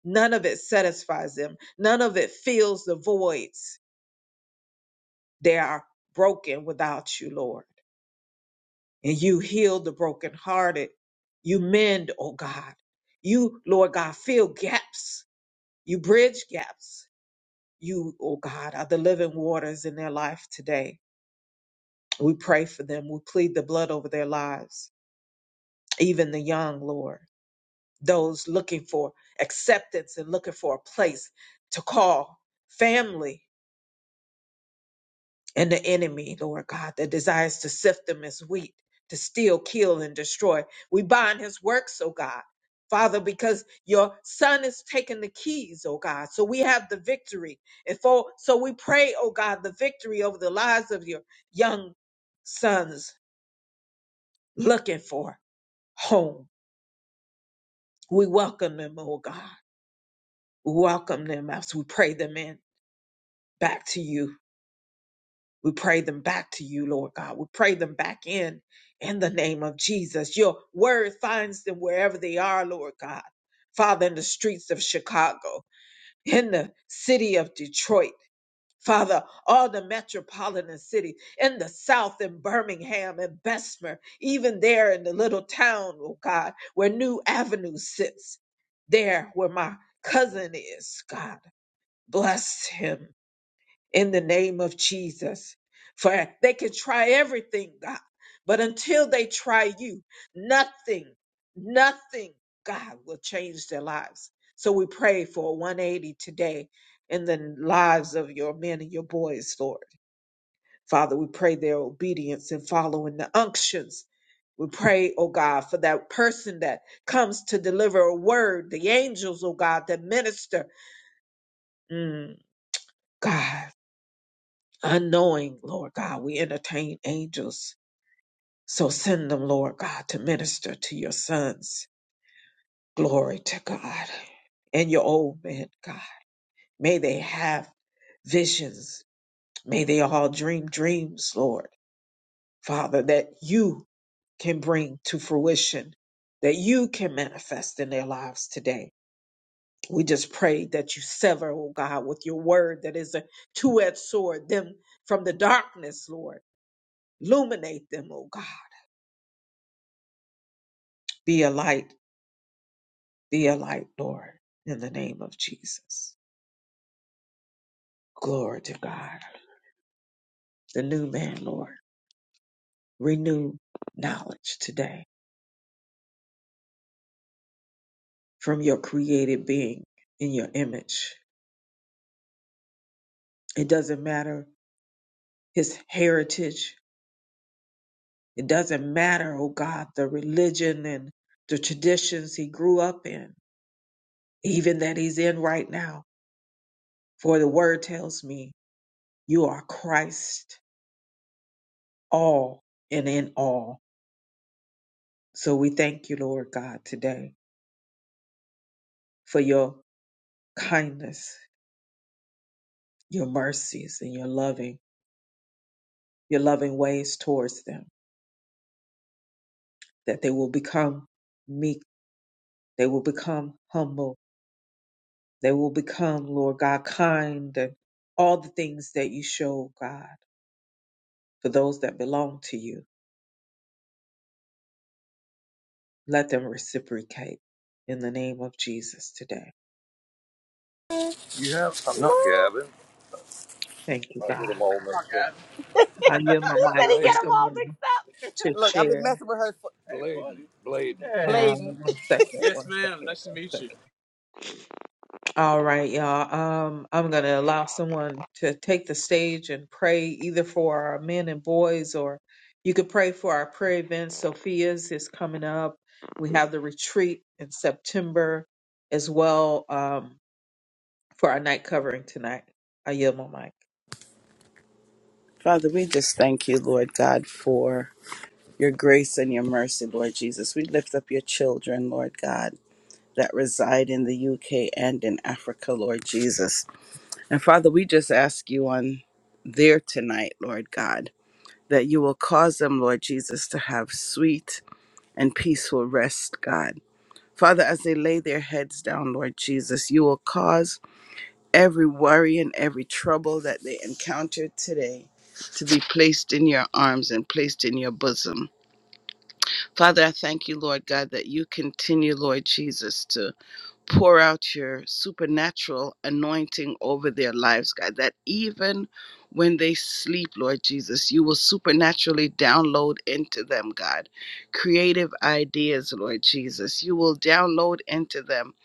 None of it satisfies them. None of it fills the voids. They are broken without you, Lord. And you heal the brokenhearted. You mend, oh God. You, Lord God, fill gaps. You bridge gaps you, oh God, are the living waters in their life today. We pray for them. We plead the blood over their lives, even the young, Lord, those looking for acceptance and looking for a place to call family. and the enemy, Lord God, that desires to sift them as wheat, to steal, kill, and destroy. We bind his works, oh God. Father, because your son is taking the keys, oh God. So we have the victory. And for so we pray, oh God, the victory over the lives of your young sons looking for home. We welcome them, oh God. We welcome them as we pray them in back to you. We pray them back to you, Lord God. We pray them back in in the name of Jesus. Your word finds them wherever they are, Lord God. Father, in the streets of Chicago, in the city of Detroit, Father, all the metropolitan cities, in the south, in Birmingham and Bessemer, even there in the little town, oh God, where New Avenue sits, there where my cousin is, God. Bless him in the name of Jesus. For they can try everything, God, but until they try you, nothing, nothing, God, will change their lives. So we pray for a 180 today in the lives of your men and your boys, Lord. Father, we pray their obedience and following the unctions. We pray, oh God, for that person that comes to deliver a word, the angels, oh God, that minister. Mm, God. unknowing, Lord God, we entertain angels. So send them, Lord God, to minister to your sons. Glory to God. And your old men, God. May they have visions. May they all dream dreams, Lord. Father, that you can bring to fruition, that you can manifest in their lives today. We just pray that you sever, oh God, with your word that is a two edged sword, them from the darkness, Lord. Illuminate them, oh God Be a light, be a light, Lord, in the name of Jesus. Glory to God. The new man, Lord. Renew knowledge today from your created being in your image. It doesn't matter his heritage. It doesn't matter, oh God, the religion and the traditions he grew up in, even that he's in right now. For the word tells me you are Christ all and in all. So we thank you, Lord God, today for your kindness, your mercies, and your loving, your loving ways towards them, that they will become meek, they will become humble, they will become, Lord God, kind, and all the things that you show, God, for those that belong to you. Let them reciprocate in the name of Jesus today.
You have? I'm not Gavin.
Thank you,
I'll get
God.
him all messed up.
I yield my
Let
mic
me
for
get him?
someone to
Look, I've been
share.
messing with her. For- Blade. Blade.
Uh, one second, one second, one second. All right, y'all. Um, I'm going to allow someone to take the stage and pray either for our men and boys or you could pray for our prayer events. Sophia's is coming up. We have the retreat in September as well um, for our night covering tonight. I yield my mic.
Father, we just thank you, Lord God, for your grace and your mercy, Lord Jesus. We lift up your children, Lord God, that reside in the UK and in Africa, Lord Jesus. And Father, we just ask you on there tonight, Lord God, that you will cause them, Lord Jesus, to have sweet and peaceful rest, God. Father, as they lay their heads down, Lord Jesus, you will cause every worry and every trouble that they encounter today to be placed in your arms and placed in your bosom. Father, I thank you, Lord God, that you continue, Lord Jesus, to pour out your supernatural anointing over their lives, God, that even when they sleep, Lord Jesus, you will supernaturally download into them, God, creative ideas, Lord Jesus. You will download into them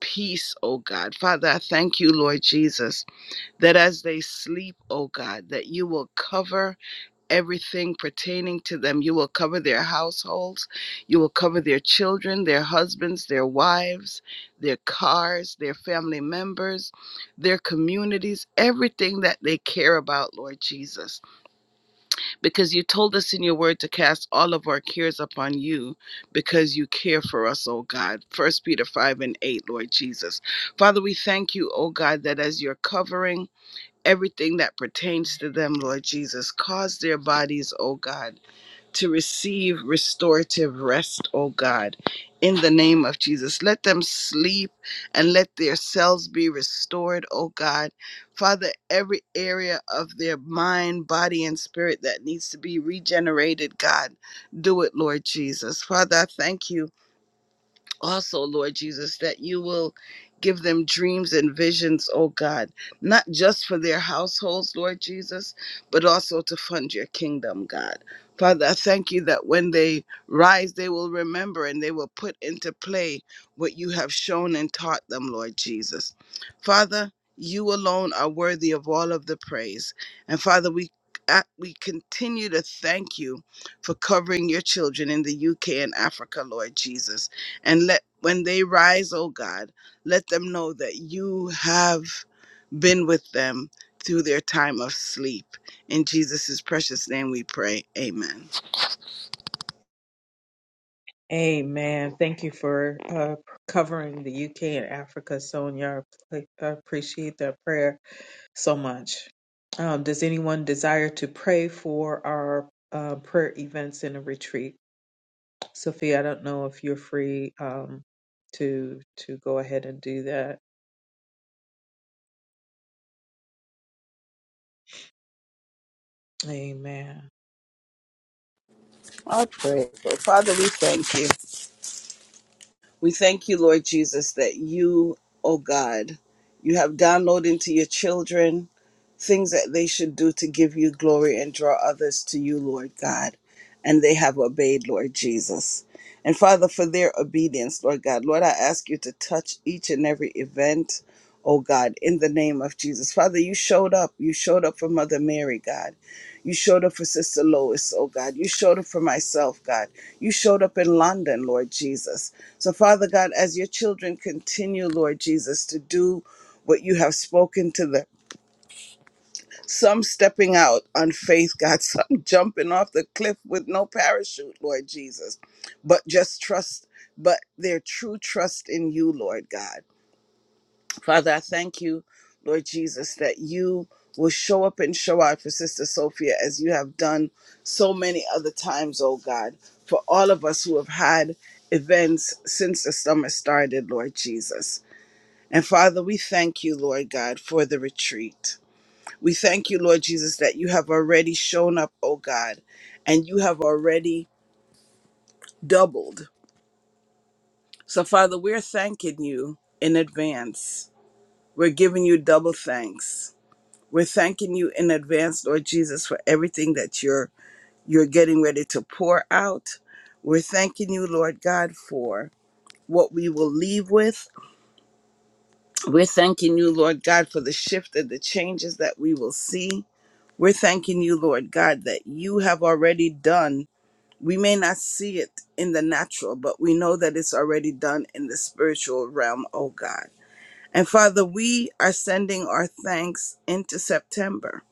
peace, oh God. Father, I thank you, Lord Jesus, that as they sleep, O God, that you will cover everything pertaining to them. You will cover their households. You will cover their children, their husbands, their wives, their cars, their family members, their communities, everything that they care about, Lord Jesus. Because you told us in your word to cast all of our cares upon you because you care for us, O God. First Peter 5 and 8, Lord Jesus. Father, we thank you, O God, that as you're covering, everything that pertains to them, Lord Jesus. Cause their bodies, O God, to receive restorative rest, O God, in the name of Jesus. Let them sleep and let their cells be restored, O God. Father, every area of their mind, body, and spirit that needs to be regenerated, God, do it, Lord Jesus. Father, I thank you also, Lord Jesus, that you will give them dreams and visions, oh God, not just for their households, Lord Jesus, but also to fund your kingdom, God. Father, I thank you that when they rise, they will remember and they will put into play what you have shown and taught them, Lord Jesus. Father, you alone are worthy of all of the praise. And Father, we uh, we continue to thank you for covering your children in the UK and Africa, Lord Jesus. And let when they rise, O God, let them know that you have been with them through their time of sleep. In Jesus' precious name we pray. Amen.
Amen. Thank you for uh, covering the UK and Africa, Sonia. I appreciate that prayer. so much. Um, does anyone desire to pray for our uh, prayer events in a retreat? Sophia, I don't know if you're free um, to to go ahead and do that. Amen.
Our prayer. Father, we thank you. We thank you, Lord Jesus, that you, O God, you have downloaded into your children things that they should do to give you glory and draw others to you, Lord God. And they have obeyed, Lord Jesus. And Father, for their obedience, Lord God, Lord, I ask you to touch each and every event, oh God, in the name of Jesus. Father, you showed up. You showed up for Mother Mary, God. You showed up for Sister Lois, oh God. You showed up for myself, God. You showed up in London, Lord Jesus. So, Father God, as your children continue, Lord Jesus, to do what you have spoken to them some stepping out on faith, God, some jumping off the cliff with no parachute, Lord Jesus. But just trust, but their true trust in you, Lord God. Father, I thank you, Lord Jesus, that you will show up and show out for Sister Sophia as you have done so many other times, oh God, for all of us who have had events since the summer started, Lord Jesus. And Father, we thank you, Lord God, for the retreat. We thank you, Lord Jesus, that you have already shown up, oh God, and you have already doubled. So, Father, we're thanking you in advance. We're giving you double thanks. We're thanking you in advance, Lord Jesus, for everything that you're you're getting ready to pour out. We're thanking you, Lord God, for what we will leave with. We're thanking you, Lord God, for the shift and the changes that we will see. We're thanking you, Lord God, that you have already done We may not see it in the natural, but we know that it's already done in the spiritual realm, oh God. And Father, we are sending our thanks into September.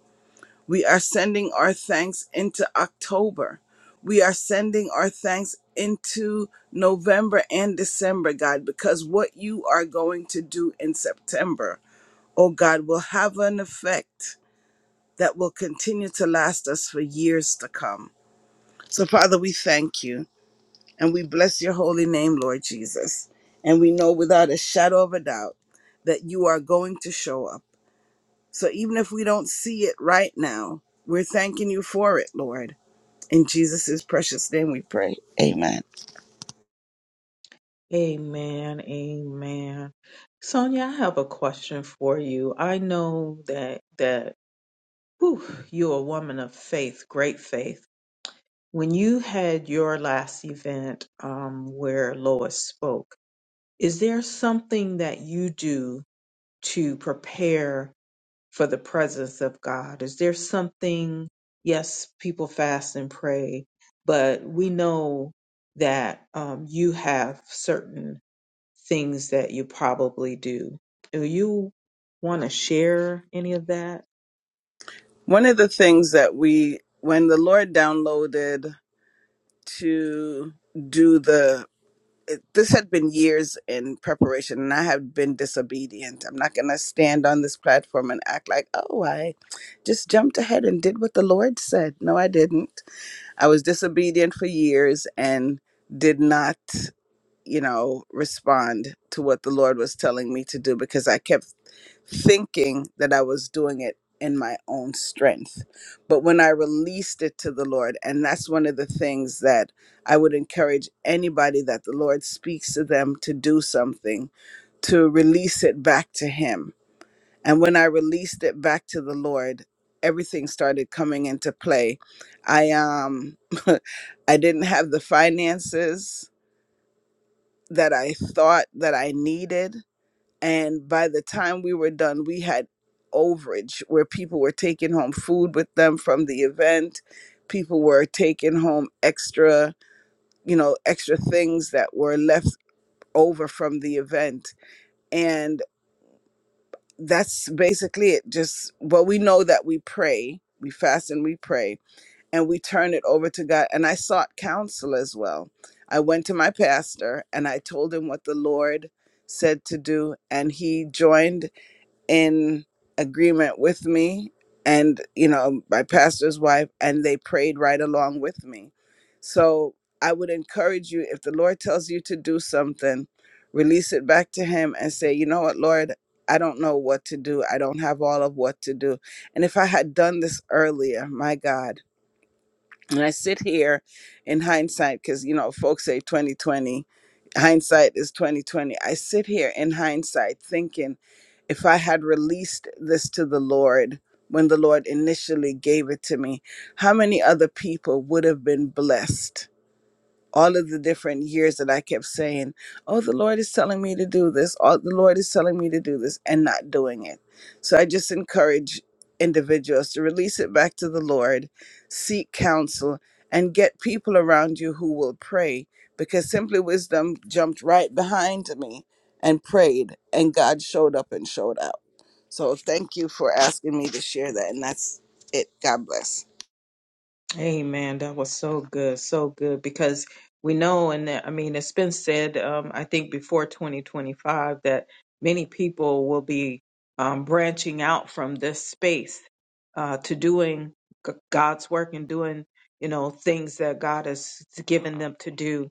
We are sending our thanks into October. We are sending our thanks into November and December, God, because what you are going to do in September, oh God, will have an effect that will continue to last us for years to come. So, Father, we thank you. And we bless your holy name, Lord Jesus. And we know without a shadow of a doubt that you are going to show up. So even if we don't see it right now, we're thanking you for it, Lord. In Jesus' precious name we pray. Amen.
Amen. Amen. Sonia, I have a question for you. I know that that whew, you're a woman of faith, great faith. When you had your last event um, where Lois spoke, is there something that you do? to prepare for the presence of God? Is there something, yes, people fast and pray, but we know that um, you have certain things that you probably do. Do you want to share any of that?
One of the things that we, when the Lord downloaded to do the it- this had been years in preparation and I have been disobedient. I'm not going to stand on this platform and act like, oh, I just jumped ahead and did what the Lord said. No, I didn't. I was disobedient for years and did not, you know, respond to what the Lord was telling me to do because I kept thinking that I was doing it in my own strength. But when I released it to the Lord, and that's one of the things that I would encourage anybody that the Lord speaks to them to do something, to release it back to Him. And when I released it back to the Lord, everything started coming into play. I um I didn't have the finances that I thought that I needed and by the time we were done, we had overage where people were taking home food with them from the event. People were taking home extra, you know, extra things that were left over from the event. And that's basically it. Just well, we know that we pray, we fast and we pray, and we turn it over to God. And I sought counsel as well. I went to my pastor and I told him what the Lord said to do, and he joined in agreement with me and you know my pastor's wife and they prayed right along with me so i would encourage you if the lord tells you to do something release it back to him and say you know what lord i don't know what to do i don't have all of what to do and if i had done this earlier my god and I sit here in hindsight because you know folks say 2020 hindsight is 2020 I sit here in hindsight thinking if I had released this to the Lord when the Lord initially gave it to me how many other people would have been blessed all of the different years that I kept saying, Oh, the Lord is telling me to do this. Oh, the Lord is telling me to do this and not doing it. So I just encourage individuals to release it back to the Lord, seek counsel, and get people around you who will pray because Simply Wisdom jumped right behind me and prayed, and God showed up and showed out. So thank you for asking me to share that. And that's it. God bless.
Amen. That was so good, so good. Because we know, and that- I mean, it's been said, um, I think before 2025, that many people will be um, branching out from this space uh, to doing G- God's work and doing, you know, things that God has given them to do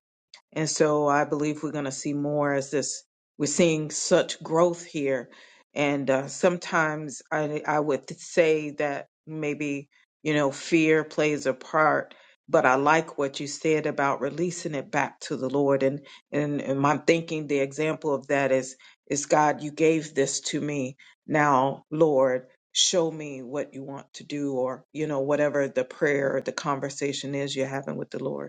and so I believe we're going to see more as this. We're seeing such growth here. And uh, sometimes I, I would say that maybe, you know, fear plays a part. But I like what you said about releasing it back to the Lord. And, and, and I'm thinking the example of that is, is God, you gave this to me. Now, Lord, show me what you want to do or, you know, whatever the prayer or the conversation is you're having with the Lord.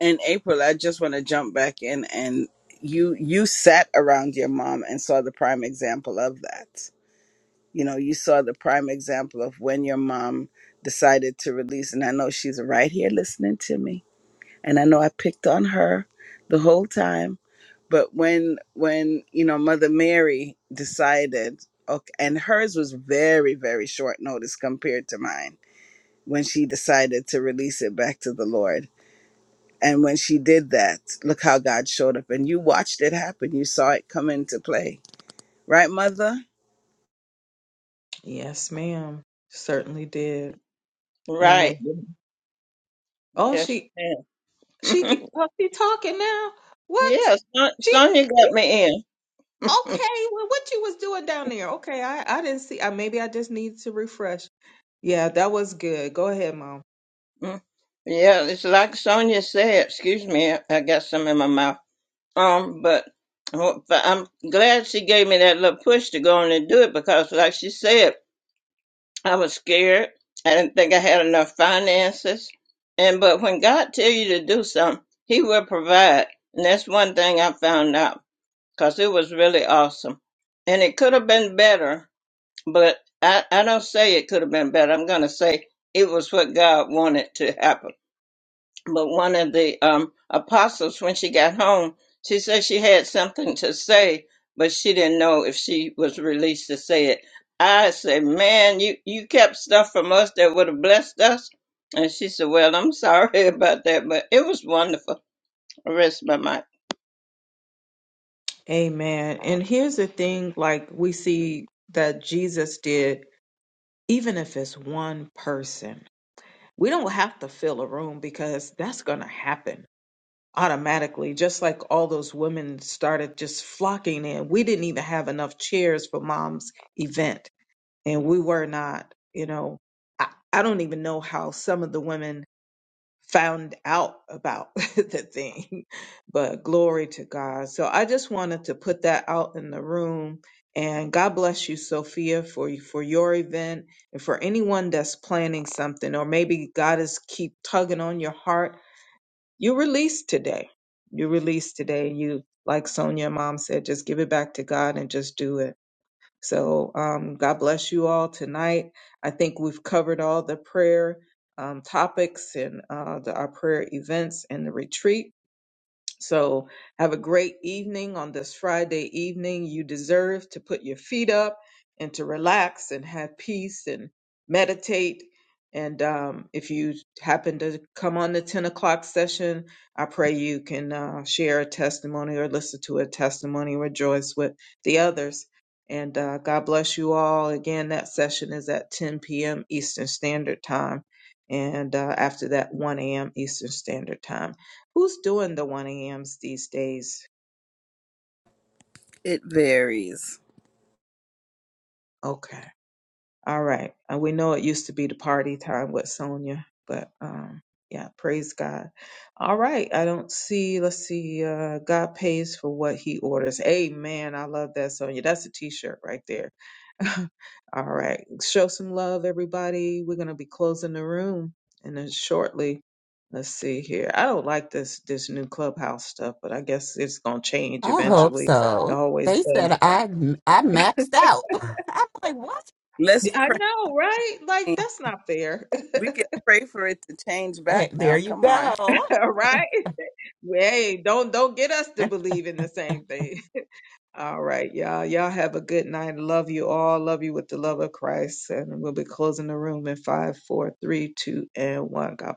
in April, I just want to jump back in and you you sat around your mom and saw the prime example of that. You know, you saw the prime example of when your mom decided to release and I know she's right here listening to me. And I know I picked on her the whole time, but when when, you know, Mother Mary decided okay, and hers was very very short notice compared to mine when she decided to release it back to the Lord and when she did that, look how God showed up. And you watched it happen. You saw it come into play. Right, Mother?
Yes, ma'am. Certainly did. And they,
Right.
oh,
Yes,
she, she,
ma'am.
ca- oh, she talking now. What?
yeah, Son-
She,
Sonia got
you,
me in.
okay? Well, what you was doing down there? Okay, I, I didn't see. I maybe I just need to refresh. Yeah, that was good. Go ahead, mom.
yeah, it's like Sonia said. Excuse me, I I got some in my mouth. Um, but well, but I'm glad she gave me that little push to go on and do it because, like she said, I was scared. I didn't think I had enough finances. And but when God tell you to do something, He will provide. And that's one thing I found out because it was really awesome. And it could have been better But I, I don't say it could have been better. I'm going to say it was what God wanted to happen. But one of the um, apostles, when she got home, she said she had something to say, but she didn't know if she was released to say it. I said, Man, you, you kept stuff from us that would have blessed us. And she said, Well, I'm sorry about that, but it was wonderful. I rest my mind.
Amen. And here's the thing, like we see that Jesus did, even if it's one person. We don't have to fill a room because that's going to happen automatically, just like all those women started just flocking in. We didn't even have enough chairs for mom's event, and we were not, you know, I, I don't even know how some of the women found out about the thing, but glory to God. So I just wanted to put that out in the room. And God bless you, Sophia, for for your event and for anyone that's planning something, or maybe God is keep tugging on your heart you release today. You release today. You, like Sonia, mom said, just give it back to God and just do it. So, um, God bless you all tonight. I think we've covered all the prayer um, topics and uh, the, our prayer events and the retreat. So have a great evening on this Friday evening. You deserve to put your feet up and to relax and have peace and meditate. And um, if you happen to come on the 10 o'clock session, I pray you can uh, share a testimony or listen to a testimony, rejoice with the others. And uh, God bless you all. Again, that session is at 10 p.m. Eastern Standard Time. And uh, after that, 1 a.m. Eastern Standard Time. Who's doing the 1 a.m.s these days?
It varies.
Okay. All right. And we know it used to be the party time with Sonia, but um yeah, praise God. All right. I don't see, let's see, uh God pays for what he orders. Amen. I love that, Sonia. That's a t-shirt right there. All right. Show some love, everybody. We're gonna be closing the room and then shortly. Let's see here. I don't like this this new clubhouse stuff, but I guess it's gonna change
I hope
eventually. It
so.
always
They
does.
said I I maxed out. I'm like, what?
Let's
I
pray.
know, right? Like that's not fair.
We can pray for it to change
Eh,
back
There
now.
you
Come on.
go.
All right. Hey, don't don't get us to believe in the same thing. All right, y'all. Y'all have a good night. Love you all. Love you with the love of Christ. And we'll be closing the room in five, four, three, two, and one. God bless.